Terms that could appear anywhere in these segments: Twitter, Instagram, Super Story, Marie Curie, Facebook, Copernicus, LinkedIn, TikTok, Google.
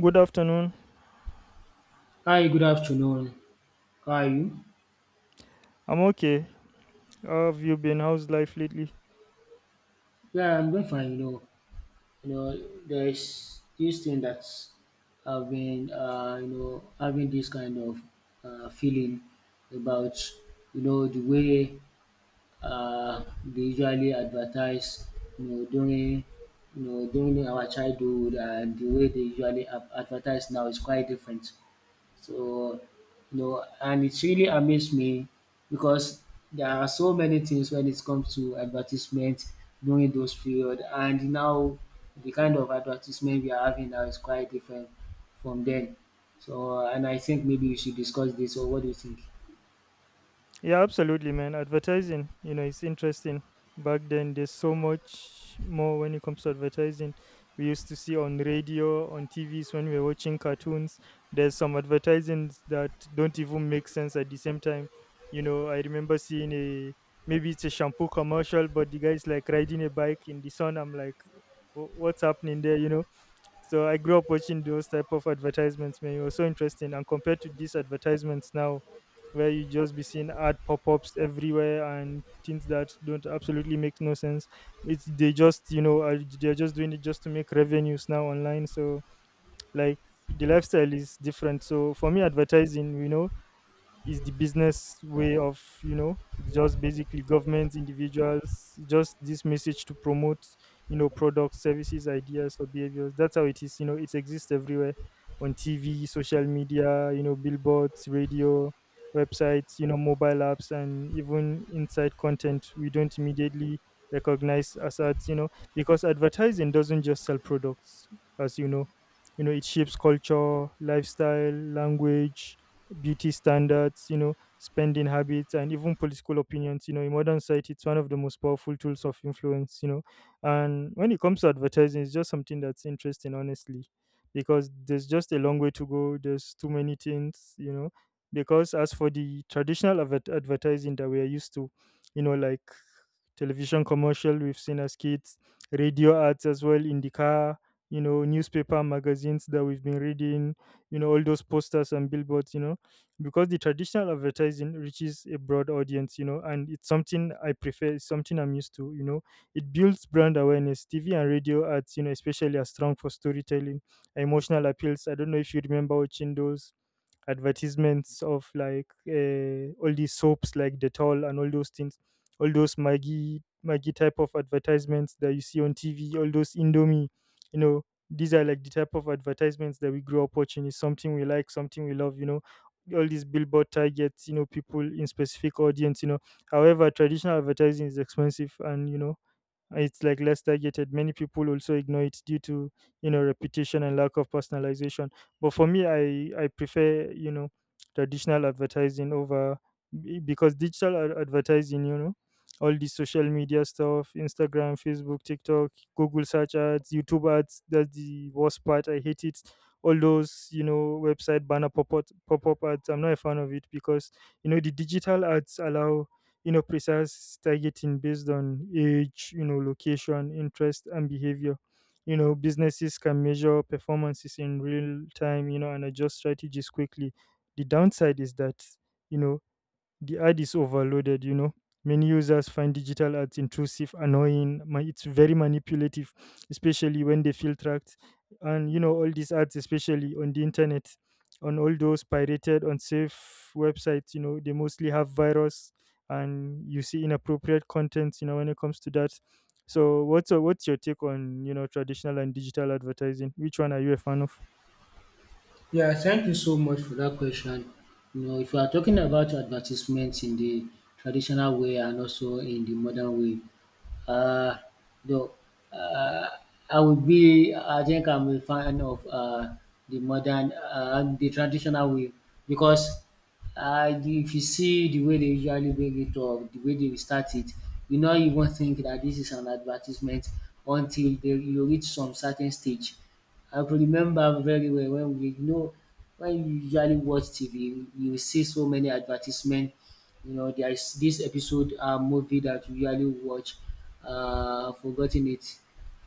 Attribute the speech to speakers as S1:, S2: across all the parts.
S1: Good afternoon.
S2: Hi, good afternoon. How are you?
S1: I'm okay. How have you been? How's life lately?
S2: Yeah, I'm doing fine. You know, there's this thing that I've been, you know, having this kind of feeling about, you know, the way they usually advertise, you know, during, you know, during our childhood, and the way they usually advertise now is quite different. So, you know, and it's really amazed me because there are so many things when it comes to advertisement during those period, and now the kind of advertisement we are having now is quite different from then. So, and I think maybe we should discuss this. Or what do you think?
S1: Yeah, absolutely, man. Advertising, you know, it's interesting. Back then, there's so much more when it comes to advertising. We used to see on radio, on TVs when we were watching cartoons. There's some advertisings that don't even make sense at the same time. You know, I remember seeing a maybe it's a shampoo commercial, but the guy's like riding a bike in the sun. I'm like, What's happening there?" You know. So I grew up watching those type of advertisements, man. It was so interesting. And compared to these advertisements now, where you just be seeing ad pop-ups everywhere and things that don't absolutely make no sense. It's, they just, you know, are, they're just doing it just to make revenues now online. So, like, the lifestyle is different. So for me, advertising, you know, is the business way of, you know, it's just basically government individuals just this message to promote, you know, products, services, ideas, or behaviors. That's how it is, you know. It exists everywhere, on TV, social media, you know, billboards, radio, websites, you know, mobile apps, and even inside content we don't immediately recognize as ads, you know, because advertising doesn't just sell products. As you know, you know, it shapes culture, lifestyle, language, beauty standards, you know, spending habits, and even political opinions. You know, in modern society, it's one of the most powerful tools of influence. You know, and when it comes to advertising, it's just something that's interesting, honestly, because there's just a long way to go. There's too many things, you know. Because as for the traditional advertising that we are used to, you know, like television commercial we've seen as kids, radio ads as well in the car, you know, newspaper magazines that we've been reading, you know, all those posters and billboards, you know, because the traditional advertising reaches a broad audience, you know, and it's something I prefer, it's something I'm used to, you know. It builds brand awareness. TV and radio ads, you know, especially are strong for storytelling, emotional appeals. I don't know if you remember watching those advertisements of like, all these soaps like Dettol and all those things, all those Maggie Maggie type of advertisements that you see on TV, all those Indomie, you know, these are like the type of advertisements that we grew up watching. It's something we like, something we love, you know. All these billboard targets, you know, people in specific audience, you know. However, traditional advertising is expensive, and you know it's like less targeted. Many people also ignore it due to, you know, repetition and lack of personalization. But for me, I prefer, you know, traditional advertising over because digital advertising, you know, all the social media stuff, Instagram, Facebook, TikTok, Google search ads, YouTube ads, that's the worst part, I hate it. All those, you know, website banner, pop-up ads, I'm not a fan of it, because, you know, the digital ads allow, you know, precise targeting based on age, you know, location, interest, and behavior. You know, businesses can measure performances in real time, you know, and adjust strategies quickly. The downside is that, you know, the ad is overloaded, you know. Many users find digital ads intrusive, annoying, it's very manipulative, especially when they feel tracked. And you know, all these ads, especially on the internet, on all those pirated, unsafe websites, you know, they mostly have virus and you see inappropriate content, you know, when it comes to that. So what's your take on, you know, traditional and digital advertising? Which one are you a fan of?
S2: Yeah, thank you so much for that question. You know, if you are talking about advertisements in the traditional way and also in the modern way, uh, though, uh, I think I'm a fan of the traditional way, because if you see the way they usually bring it up, the way they start it, you not even think that this is an advertisement until you reach some certain stage. I could remember very well when we you know when you usually watch TV, you will see so many advertisement. You know, there is this episode movie that you usually watch. I've forgotten it.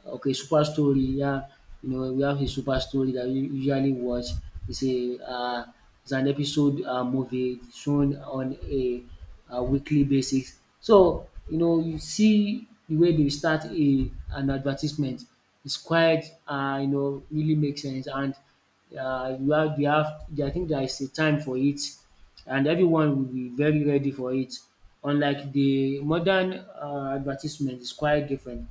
S2: Okay, Super Story, yeah. You know, we have a Super Story that we usually watch. It's a It's an episode movie shown on a weekly basis. So you know, you see the way they start a an advertisement. It's quite you know, really makes sense, and you have we have, I think, there is a time for it, and everyone will be very ready for it. Unlike the modern advertisement, it's quite different,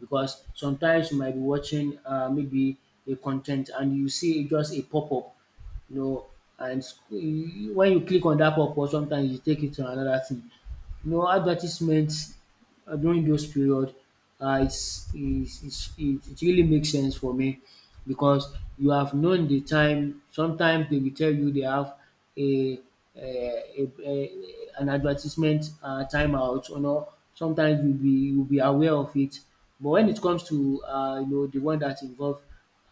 S2: because sometimes you might be watching maybe a content and you see just a pop-up, you know, and when you click on dat purpose, sometimes you take it to another thing. You know, advertisement during those period, it's is it it really makes sense for me, because you have known the time. Sometimes they will tell you they have a a an advertisement timeout or no. Sometimes you be aware of it. But when it comes to you know, the one that involve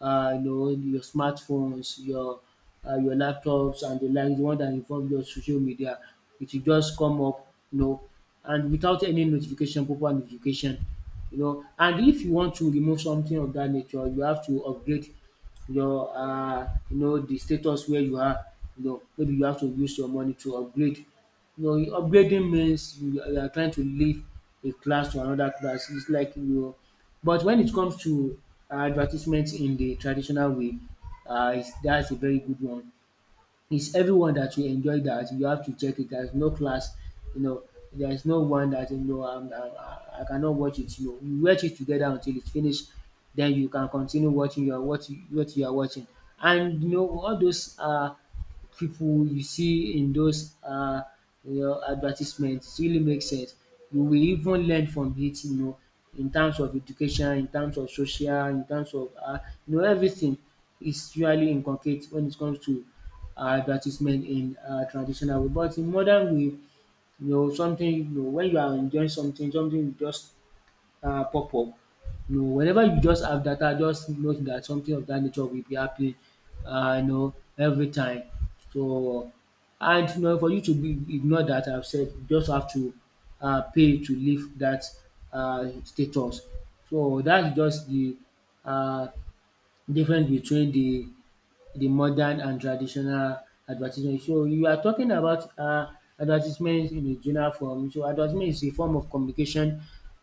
S2: you know, your smartphones, your laptops and the like, the one that involve your social media, it will just come up, you know, and without any notification, proper notification, you know. And if you want to remove something of that nature, you have to upgrade your, you know, the status where you are. You know, maybe you have to use your money to upgrade. You know, upgrading means you are trying to leave a class to another class. It's like you. But when it comes to advertisements in the traditional way, that's a very good one. It's everyone that you enjoy that. You have to check it. There's no class, you know. There's no one that you know. I cannot watch it. You know, you watch it together until it's finished. Then you can continue watching your what you are watching. And you know, all those people you see in those, you know, advertisements, it really makes sense. You will even learn from it, you know, in terms of education, in terms of social, in terms of you know, everything is really inculcate when it comes to advertisement in traditional way. But in modern way, you know, when you are enjoying something, something you just pop up. You know, whenever you just have data, just note that something of that nature will be happening. You know, every time. So, and you know, for you to be ignore that, I've said, you just have to pay to leave that status. So that's just the uh difference between the modern and traditional advertisement. So you are talking about advertisement in a general form. So advertisement is a form of communication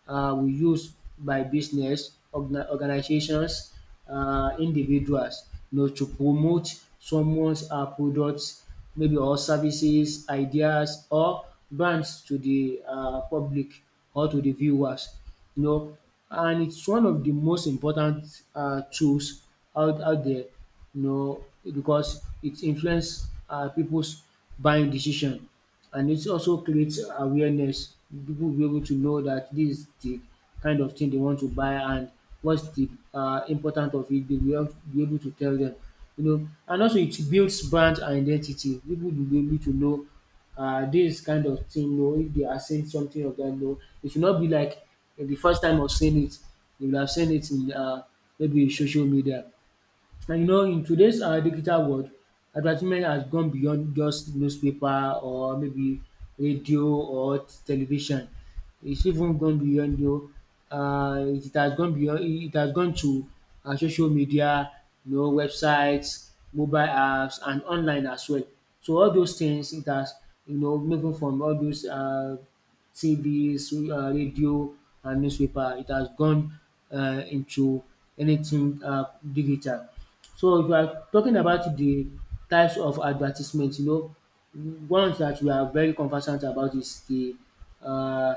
S2: we use by business, organizations, individuals, you know, to promote someone's products, maybe, or services, ideas, or brands to the public or to the viewers. You know, and it's one of the most important tools out there, you know, because it influences people's buying decision, and it also creates awareness. People will be able to know that this is the kind of thing they want to buy, and what's the important of it. They will be able to tell them, you know, and also it builds brand identity. People will be able to know this kind of thing. You know, if they are saying something of that, no, it should not be like eh, the first time of saying it. They will have seen it in maybe social media. And you know, in today's digital world, advertisement has gone beyond just newspaper, or maybe radio or television. It's even gone beyond you. It has gone beyond. It has gone to social media, you know, websites, mobile apps, and online as well. So all those things it has, you know, moving from all those. TV, so radio, and newspaper. It has gone into anything digital. So if you are talking about the types of advertisement, you know, one that we are very conversant about is the uh,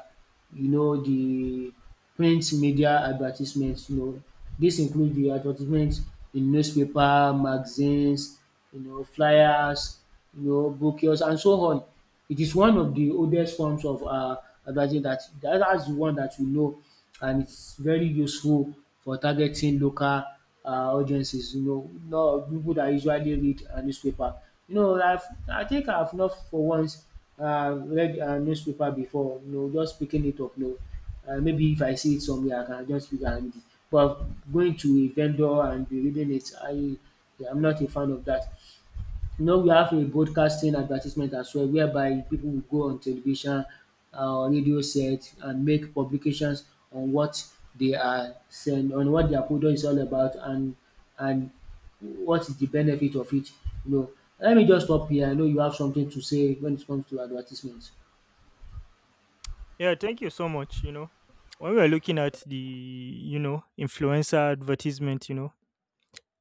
S2: you know, the print media advertisements, you know, this include the advertisements in newspaper, magazines, you know, flyers, you know, booklets, and so on. It is one of the oldest forms of advertising that's the one that we know, and it's very useful for targeting local audiences, you know, not people that usually read a newspaper. You know, I think I've not for once read a newspaper before, you know, just picking it up, you know. Maybe if I see it somewhere, I can just pick and read it. But going to a vendor and be reading it, I'm not a fan of that. You know, we have a broadcasting advertisement as well, whereby people will go on television, uh, on radio set, and make publications on what they are saying, on what their product is all about, and and what is the benefit of it. You know, let me just stop here. I know you have something to say when it comes to advertisements.
S1: Yeah, thank you so much. You know, when we are looking at the, you know, influencer advertisement, you know,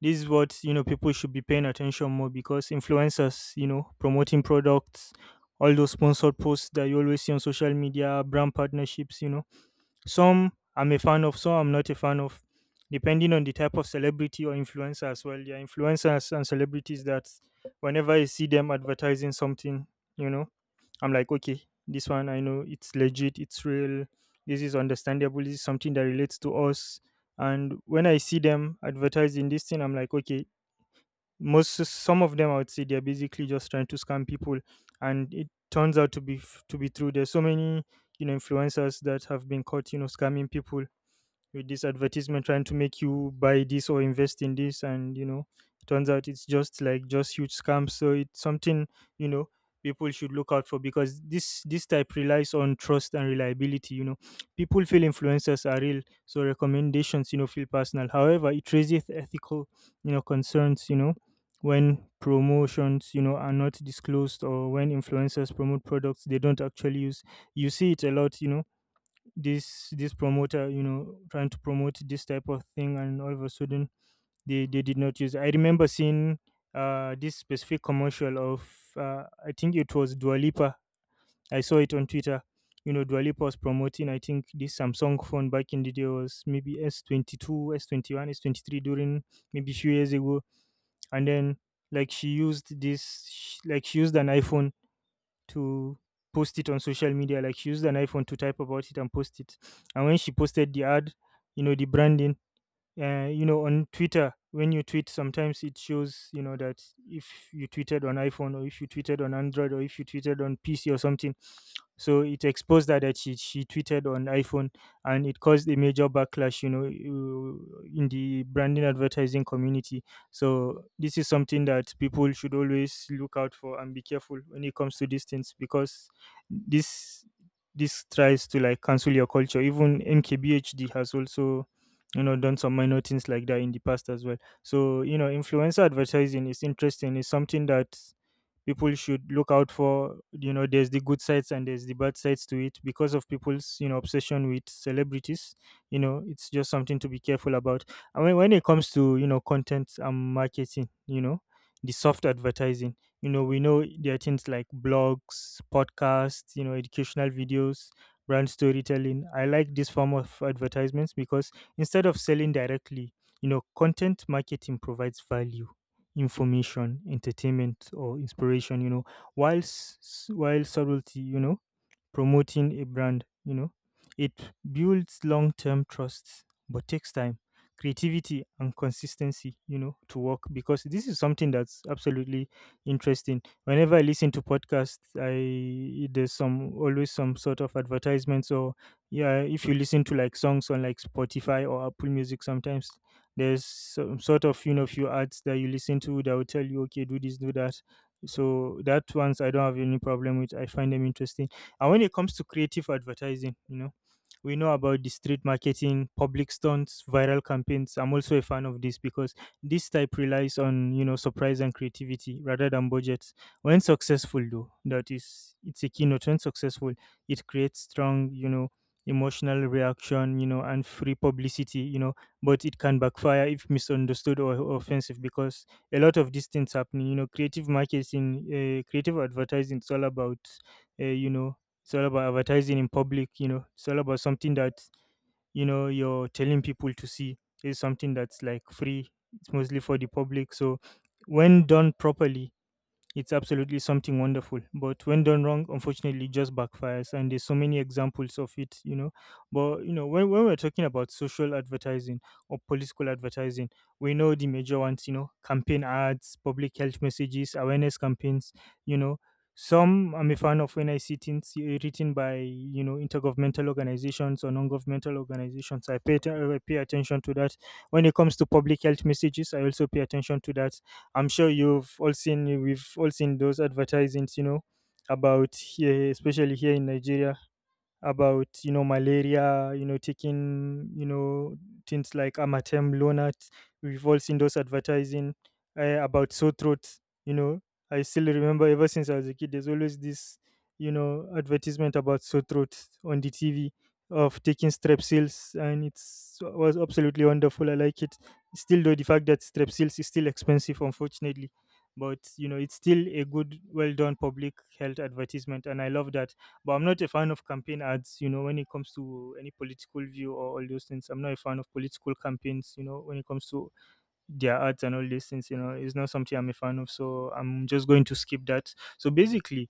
S1: this is what, you know, people should be paying attention more, because influencers, you know, promoting products, all those sponsored posts that you always see on social media, brand partnerships, you know, some I'm a fan of, some I'm not a fan of, depending on the type of celebrity or influencer as well. There are influencers and celebrities that whenever I see them advertising something, you know, I'm like, okay, this one I know it's legit, it's real, this is understandable, this is something that relates to us. And when I see them advertising this thing, I'm like, okay, most, some of them I would say they're basically just trying to scam people, and it turns out to be to be true. There's so many, you know, influencers that have been caught, you know, scamming people with this advertisement, trying to make you buy this or invest in this, and you know, it turns out it's just like just huge scams. So it's something, you know, people should look out for, because this type relies on trust and reliability, you know. People feel influencers are real, so recommendations, you know, feel personal. However, it raises ethical, you know, concerns, you know, when promotions, you know, are not disclosed, or when influencers promote products they don't actually use. You see it a lot, you know, this promoter, you know, trying to promote this type of thing, and all of a sudden they did not use it. I remember seeing, this specific commercial of, I think it was dualipa I saw it on Twitter, you know. Dualipa was promoting, I think, this Samsung phone back in the day. Was maybe s S22, S S21, S s23, during maybe few years ago, and then, like, she used this like she used an iPhone to post it on social media. Like she used an iPhone to type about it and post it. And when she posted the ad, you know, the branding, you know, on Twitter when you tweet, sometimes it shows, you know, that if you tweeted on iPhone, or if you tweeted on Android, or if you tweeted on PC or something. So it exposed that, that she tweeted on iPhone, and it caused a major backlash, you know, in the branding advertising community. So this is something that people should always look out for and be careful when it comes to these things, because this this tries to like cancel your culture. Even MKBHD has also, you know, done some minor things like that in the past as well. So, you know, influencer advertising is interesting. It's something that people should look out for, you know. There's the good sides and there's the bad sides to it, because of people's, you know, obsession with celebrities, you know. It's just something to be careful about. And when it comes to, you know, content and marketing, you know, the soft advertising, you know, we know there are things like blogs, podcasts, you know, educational videos, brand storytelling. I like this form of advertisements, because instead of selling directly, you know, content marketing provides value, information, entertainment, or inspiration. You know, while while subtlety, you know, promoting a brand, you know. It builds long-term trust, but takes time, creativity, and consistency, you know, to work, because this is something that's absolutely interesting. Whenever I listen to podcasts, I there's some, always some sort of advertisements. Or yeah, if you listen to like songs on like Spotify or Apple Music sometimes, there's some sort of, you know, few ads that you listen to that will tell you, okay, do this, do that. So that ones I don't have any problem with, I find them interesting. And when it comes to creative advertising, you know, we know about the street marketing, public stunts, viral campaigns. I'm also a fan of this, because this type relies on, you know, surprise and creativity rather than budgets. When successful, though, that is, it's a keynote. When successful, it creates strong, you know, emotional reaction, you know, and free publicity, you know, but it can backfire if misunderstood or offensive. Because a lot of these things happening, you know, creative marketing, creative advertising, it's all about, you know, it's all about advertising in public, you know. It's all about something that, you know, you're telling people to see. It's something that's like free. It's mostly for the public. So when done properly, it's absolutely something wonderful, but when done wrong, unfortunately, it just backfires. And there's so many examples of it, you know. But you know, when, we're talking about social advertising or political advertising, we know the major ones, you know, campaign ads, public health messages, awareness campaigns, you know. Some I'm a fan of when I see things, written by, you know, intergovernmental organizations or non-governmental organizations. I pay, I pay attention to that. When it comes to public health messages, I also pay attention to that. I'm sure you've all seen, we've all seen those advertisements, you know, about here, especially here in Nigeria, about you know malaria, you know taking, you know, things like amatem lonat. We've all seen those advertising about sore throats, you know. I still remember, ever since I was a kid there's always this, you know, advertisement about sore throat on the TV of taking strepsils, and it's was absolutely wonderful. I like it. Still though, the fact that strepsils is still expensive, unfortunately. But you know, it's still a good, well done public health advertisement and I love that. But I'm not a fan of campaign ads, you know, when it comes to any political view or all those things. I'm not a fan of political campaigns, you know, when it comes to their ads and all these things, you know, it's not something I'm a fan of. So I'm just going to skip that. So basically,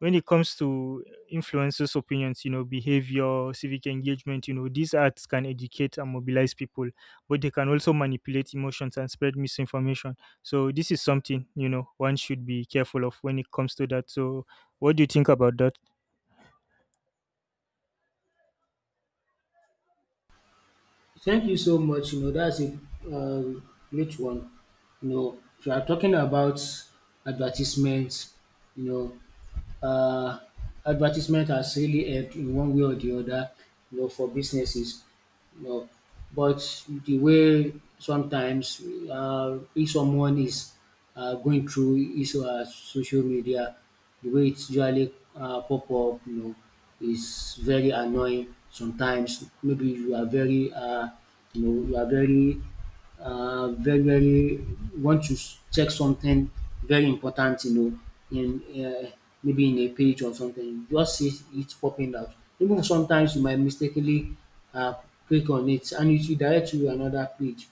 S1: when it comes to influencers' opinions, you know, behavior, civic engagement, you know, these ads can educate and mobilize people, but they can also manipulate emotions and spread misinformation. So this is something, you know, one should be careful of when it comes to that. So what do you think about that?
S2: Thank you so much. You know, that's a uh, great one. You know, if you are talking about advertisements, you know, advertisement has really helped in one way or the other, you know, for businesses, you know. But the way sometimes, if someone is going through his social media, the way it's usually pop up, you know, is very annoying. Sometimes maybe you are you know, you are very very very want to check something very important, you know, in maybe in a page or something, you just see it popping out. Even sometimes you might mistakenly uh, click on it, and it will direct you to another page,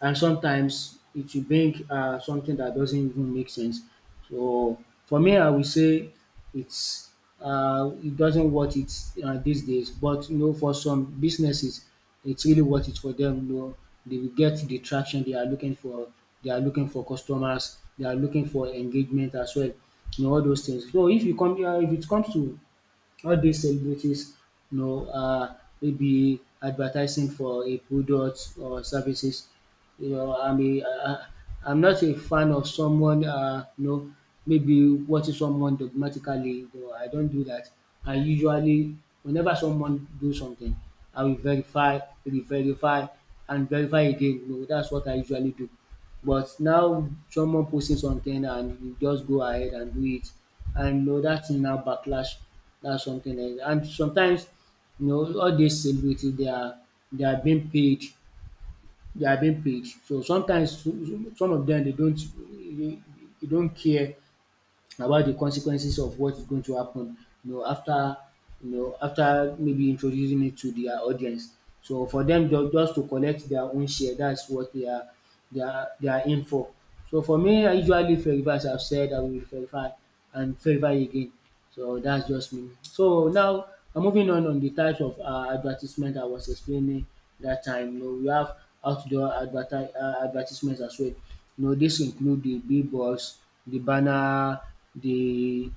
S2: and sometimes it will bring something that doesn't even make sense. So for me, I would say it's it doesn't worth it these days. But you know, for some businesses, it's really worth it for them. You know, they will get the traction they are looking for. They are looking for customers. They are looking for engagement as well. You know, all those things. So if if it comes to all these celebrities, you know, maybe advertising for a product or services. You know, I am not a fan of someone, you know, maybe watching someone dogmatically. You know, I don't do that. I usually, whenever someone do something, I will verify, re-verify, and verify again. You know, that's what I usually do. But now someone posting something, and you just go ahead and do it, and you know, that thing now backlash. That's something else. And sometimes, you know, all these celebrities, they are being paid, they are being paid. So sometimes, some of them, they, they don't care about the consequences of what is going to happen. You know, after, you know, after maybe introducing it to their audience. So for them, just to collect their own share, that's what they are their aim for. So for me, I usually fervor, as I've said, I will fervor and fervor again. So that's just me. So now I'm moving on the types of advertisement I was explaining that time. You know, we have outdoor advertisements as well. You know, this include the billboards, the banner, the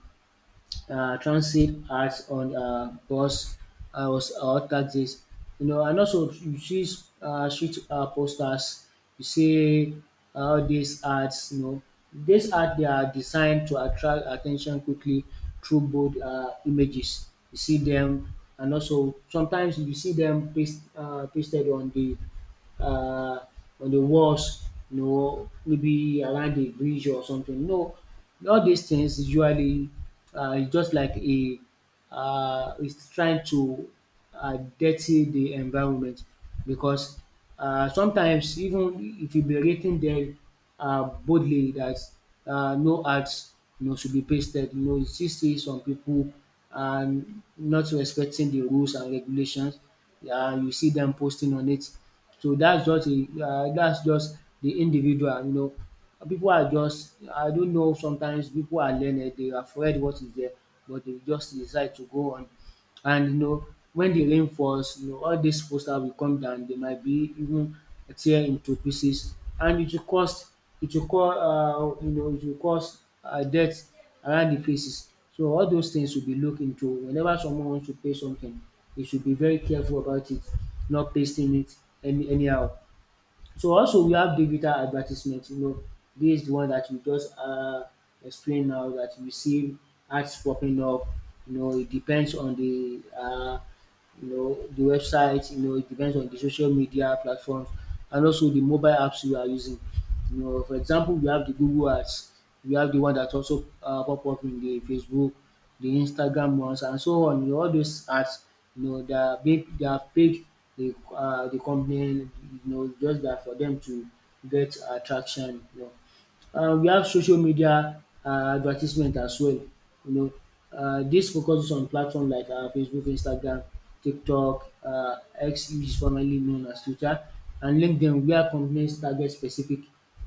S2: transit ads on bus or taxis. You know, and also you see street posters. You see all these ads. You know, these ads they are designed to attract attention quickly through bold images. You see them, and also sometimes you see them pasted uh, on the walls, you know, maybe around the bridge or something. No, all these things usually is just like a is trying to dirty the environment because sometimes even if you be rating them boldly that no ads, you know, should be pasted, you know, you still see some people and not respecting the rules and regulations. Yeah, you see them posting on it. So that's just a that's just the individual, you know. People are just, I don't know, sometimes people are learned, they are afraid what is there, but they just decide to go on. And you know, when the rain falls, you know, all dis poster will come down, they might be even tear into pieces, and it will cause, you know, it will cause death around the places. So all those things will be looked into whenever someone wants to pay something. You should be very careful about it, not pasting it anyhow. So also we have digital advertisement, you know, this is the one that you just explained now, that you see ads popping up. You know, it depends on the you know, the websites. You know, it depends on the social media platforms and also the mobile apps you are using, you know. For example, we have the Google ads, we have the one that also pop up in the Facebook, the Instagram ones and so on. You know, all those ads, you know, they are big, they have paid the company, you know, just that for them to get attraction, you know. We have social media advertisement as well, you know. Dis focuses on platforms like Facebook, Instagram, TikTok, X, which is formerly known as Twitter, and LinkedIn, where companies target specific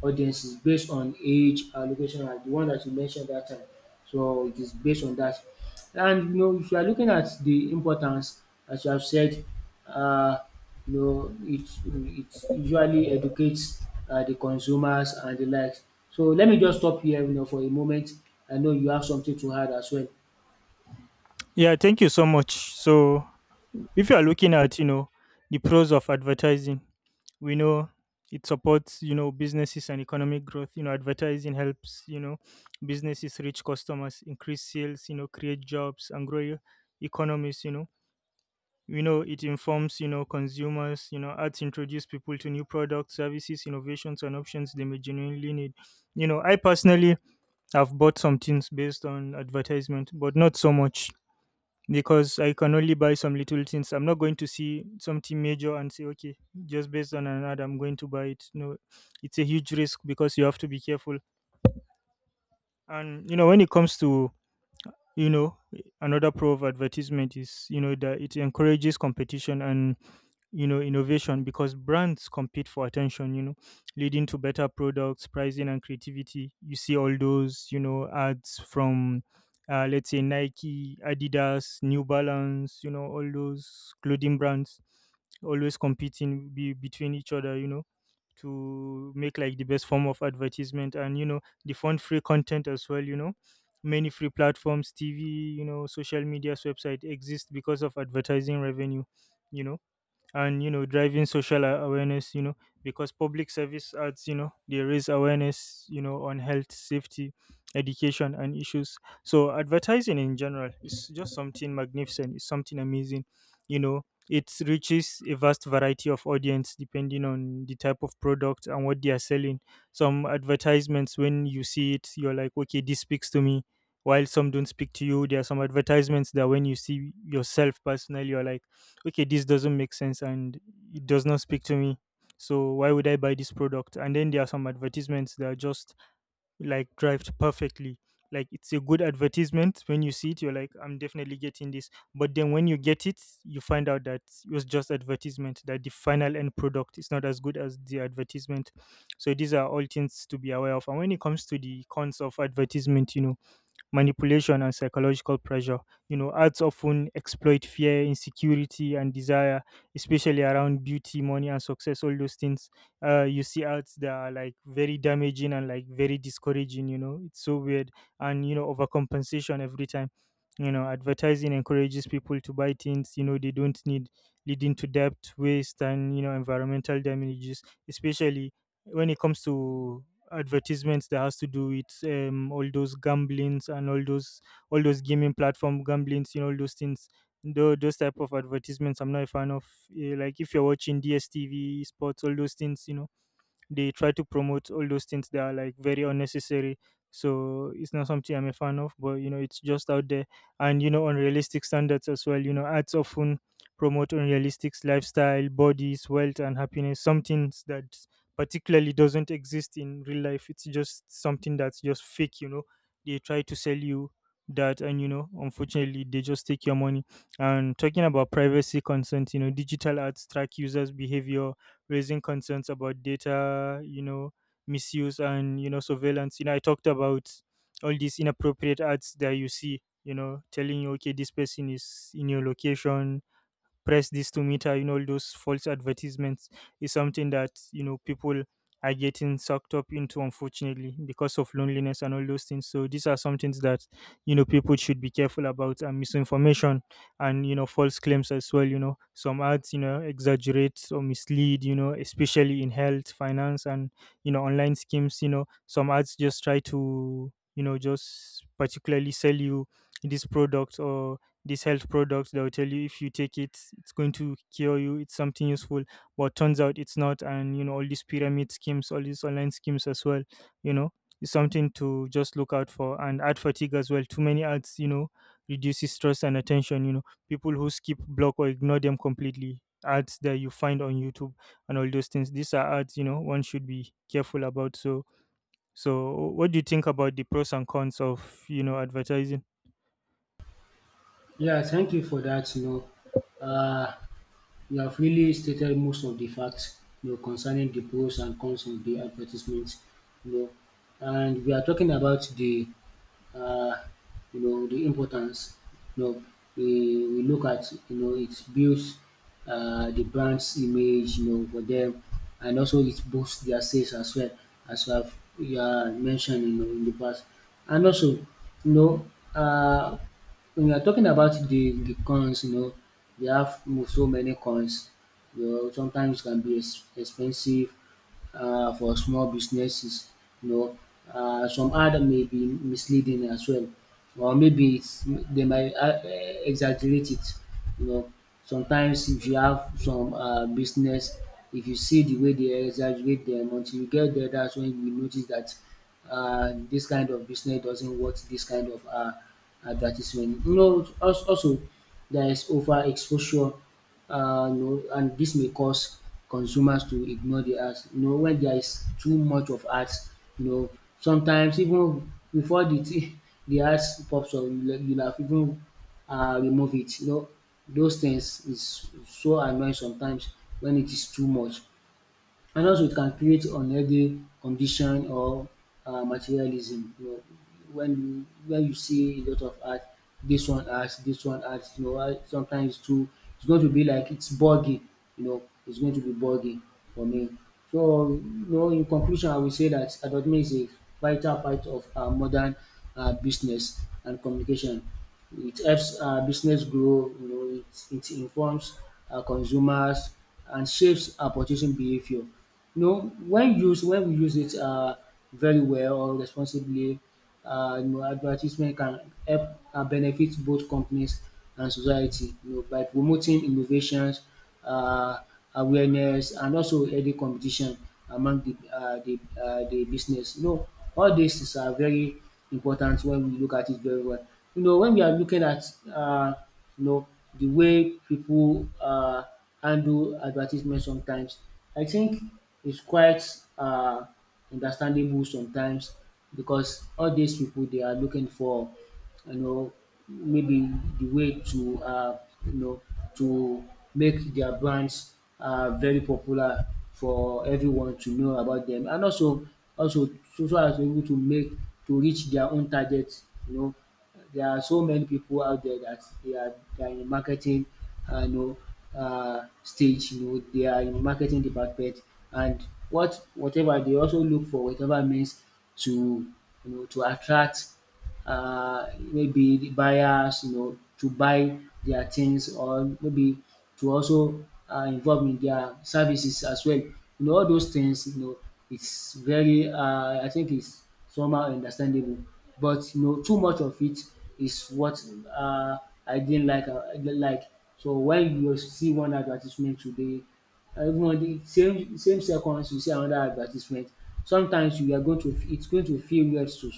S2: audiences based on age and location, as the one that you mentioned that time. So it is based on that. And you know, if you are looking at the importance, as you have said, uh, you know, it usually educates the consumers and the likes. So let me just stop here, you know, for a moment. I know you have something to add as well.
S1: Yeah, thank you so much. So, if you are looking at, you know, the pros of advertising, we know it supports, you know, businesses and economic growth. You know, advertising helps, you know, businesses reach customers, increase sales, you know, create jobs and grow your economies, you know. We know it informs, you know, consumers, you know, ads introduce people to new products, services, innovations and options they may genuinely need. You know, I personally have bought some things based on advertisement, but not so much because I can only buy some little things. I'm not going to see something major and say, okay, just based on an ad, I'm going to buy it. No, it's a huge risk because you have to be careful. And, you know, when it comes to, you know, another pro of advertisement is, you know, that it encourages competition and, you know, innovation, because brands compete for attention, you know, leading to better products, pricing and creativity. You see all those, you know, ads from let's say Nike, Adidas, New Balance, you know, all those clothing brands always competing between each other, you know, to make like the best form of advertisement. And you know, the fund free content as well, you know, many free platforms, TV, you know, social media's website exist because of advertising revenue, you know. And you know, driving social awareness, you know, because public service ads, you know, they raise awareness, you know, on health, safety, education and issues. So advertising in general is just something magnificent, it's something amazing. You know, it reaches a vast variety of audience depending on the type of product and what they are selling. Some advertisements, when you see it you're like, okay, this speaks to me, while some don't speak to you. There are some advertisements that when you see yourself personally you're like, okay, this doesn't make sense and it does not speak to me, so why would I buy this product? And then there are some advertisements that are just like drived perfectly. Like, it's a good advertisement, when you see it you're like, I'm definitely getting this. But then when you get it, you find out that it was just advertisement, that the final end product is not as good as the advertisement. So these are all things to be aware of. And when it comes to the cons of advertisement, you know, manipulation and psychological pressure. You know, ads often exploit fear, insecurity, and desire, especially around beauty, money, and success. All those things. You see ads that are like very damaging and like very discouraging. You know, it's so weird, and you know, overcompensation every time. You know, advertising encourages people to buy things, you know, they don't need, leading to debt, waste, and you know, environmental damages, especially when it comes to advertisements that has to do with all those gamblings and all those, all those gaming platform gamblings, you know, all those things. Those type of advertisements I'm not a fan of. Eh, like if you're watching DSTV sports, all those things, you know, they try to promote all those things that are like very unnecessary, so it's not something I'm a fan of, but you know, it's just out there. And you know, unrealistic standards as well, you know, ads often promote unrealistic lifestyle, bodies, wealth and happiness, some things that particularly doesn't exist in real life. It's just something that's just fake, you know, they try to sell you that. And you know, unfortunately they just take your money. And talking about privacy concerns, you know, digital ads track users behavior, raising concerns about data, you know, misuse and, you know, surveillance. You know, I talked about all these inappropriate ads that you see, you know, telling you, okay, this person is in your location, press this to meter, you know, all those false advertisements is something that, you know, people are getting sucked up into, unfortunately, because of loneliness and all those things. So these are some things that, you know, people should be careful about. And misinformation and, you know, false claims as well, you know, some ads, you know, exaggerate or mislead, you know, especially in health, finance and, you know, online schemes. You know, some ads just try to, you know, just particularly sell you this product, or these health products that will tell you if you take it it's going to cure you, it's something useful, but turns out it's not. And you know, all these pyramid schemes, all these online schemes as well, you know, it's something to just look out for. And ad fatigue as well, too many ads, you know, reduces stress and attention, you know, people who skip, block or ignore them completely. Ads that you find on YouTube and all those things, these are ads, you know, one should be careful about. So, so what do you think about the pros and cons of, you know, advertising?
S2: Yeah, thank you for that. You know, you have really stated most of the facts, you know, concerning the pros and cons of the advertisements, you know. And we are talking about the uh, you know, the importance. You know, we, we look at, you know, it builds the brand's image, you know, for them, and also it boosts their sales as well, as we have you mentioned, you know, in the past. And also, you know, uh, when we are talking about the cons, you know, they have so many cons. You know, sometimes it can be expensive for small businesses. You know, some ad may be misleading as well, or maybe it's, they might exaggerate it. You know, sometimes if you have some business, if you see the way they exaggerate them, until you get there, that's when you notice that this kind of business doesn't want this kind of advertisement. You know, also there is overexposure, you know, and this may cause consumers to ignore the ads. You know, when there is too much of ads, you know, sometimes even before the thing the ads pops up, you have even remove it. You know, those things is so annoying sometimes when it is too much. And also it can create unhealthy condition or materialism. You know, when you see a lot of art, this one art, this one art, you know, why sometimes it's too, it's going to be like it's buggy, you know, it's going to be buggy for me. So you know, in conclusion, I will say that advertisement is a vital part of our modern business and communication. It helps business grow, you know, it informs consumers and shapes our purchasing behavior. You know, when we use it very well or responsibly, you know, advertisement can help benefit both companies and society, you know, by promoting innovations, uh, awareness, and also healthy competition among the business. You know, all these is are very important when we look at it very well. You know, when we are looking at uh, you know, the way people handle advertisement sometimes, I think it's quite uh, understandable sometimes, because all these people they are looking for, you know, maybe the way to, you know, to make their brands very popular for everyone to know about them, and also so so as able to make to reach their own target. You know, there are so many people out there that they are in marketing, you know, stage. You know, they are in marketing department, and whatever they also look for whatever means to, you know, to attract maybe the buyers, you know, to buy their things or maybe to also involve in their services as well. You know, all those things, you know, it's very, I think it's somehow understandable. But, you know, too much of it is what uh, I didn't like. I didn't like. So when you see one advertisement today, even on the same seconds you see another advertisement, sometimes you are going to, it's going to feel weird to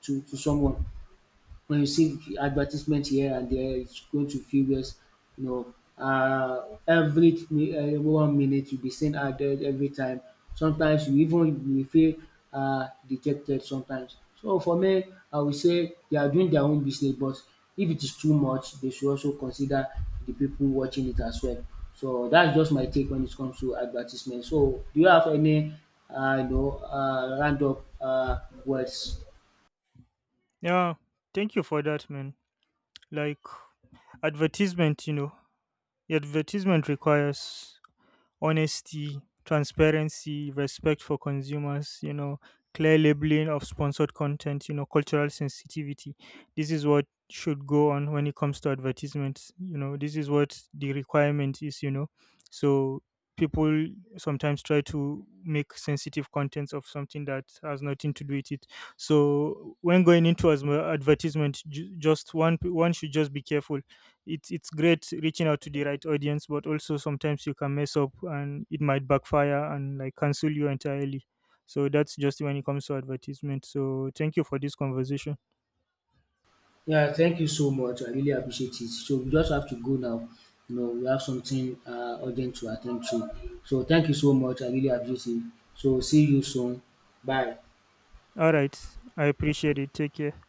S2: to someone. When you see advertisement here and there, it's going to feel worse. You know, 1 minute you'll be seeing ad every time. Sometimes you even you feel dejected sometimes. So for me, I would say they are doing their own business, but if it is too much, they should also consider the people watching it as well. So that's just my take when it comes to advertisement. So do you have any, you know, roundup words?
S1: Yeah, thank you for that, man. Like, advertisement, you know, advertisement requires honesty, transparency, respect for consumers, you know, clear labeling of sponsored content, you know, cultural sensitivity. This is what should go on when it comes to advertisements, you know, this is what the requirement is, you know. So people sometimes try to make sensitive contents of something that has nothing to do with it. So when going into as advertisement, just one should just be careful. It's great reaching out to the right audience, but also sometimes you can mess up and it might backfire and like cancel you entirely. So that's just when it comes to advertisement. So thank you for this conversation.
S2: Yeah, thank you so much. I really appreciate it. So we just have to go now. You know, we have something urgent to attend to. So thank you so much. I really appreciate it. So see you soon. Bye.
S1: All right, I appreciate it. Take care.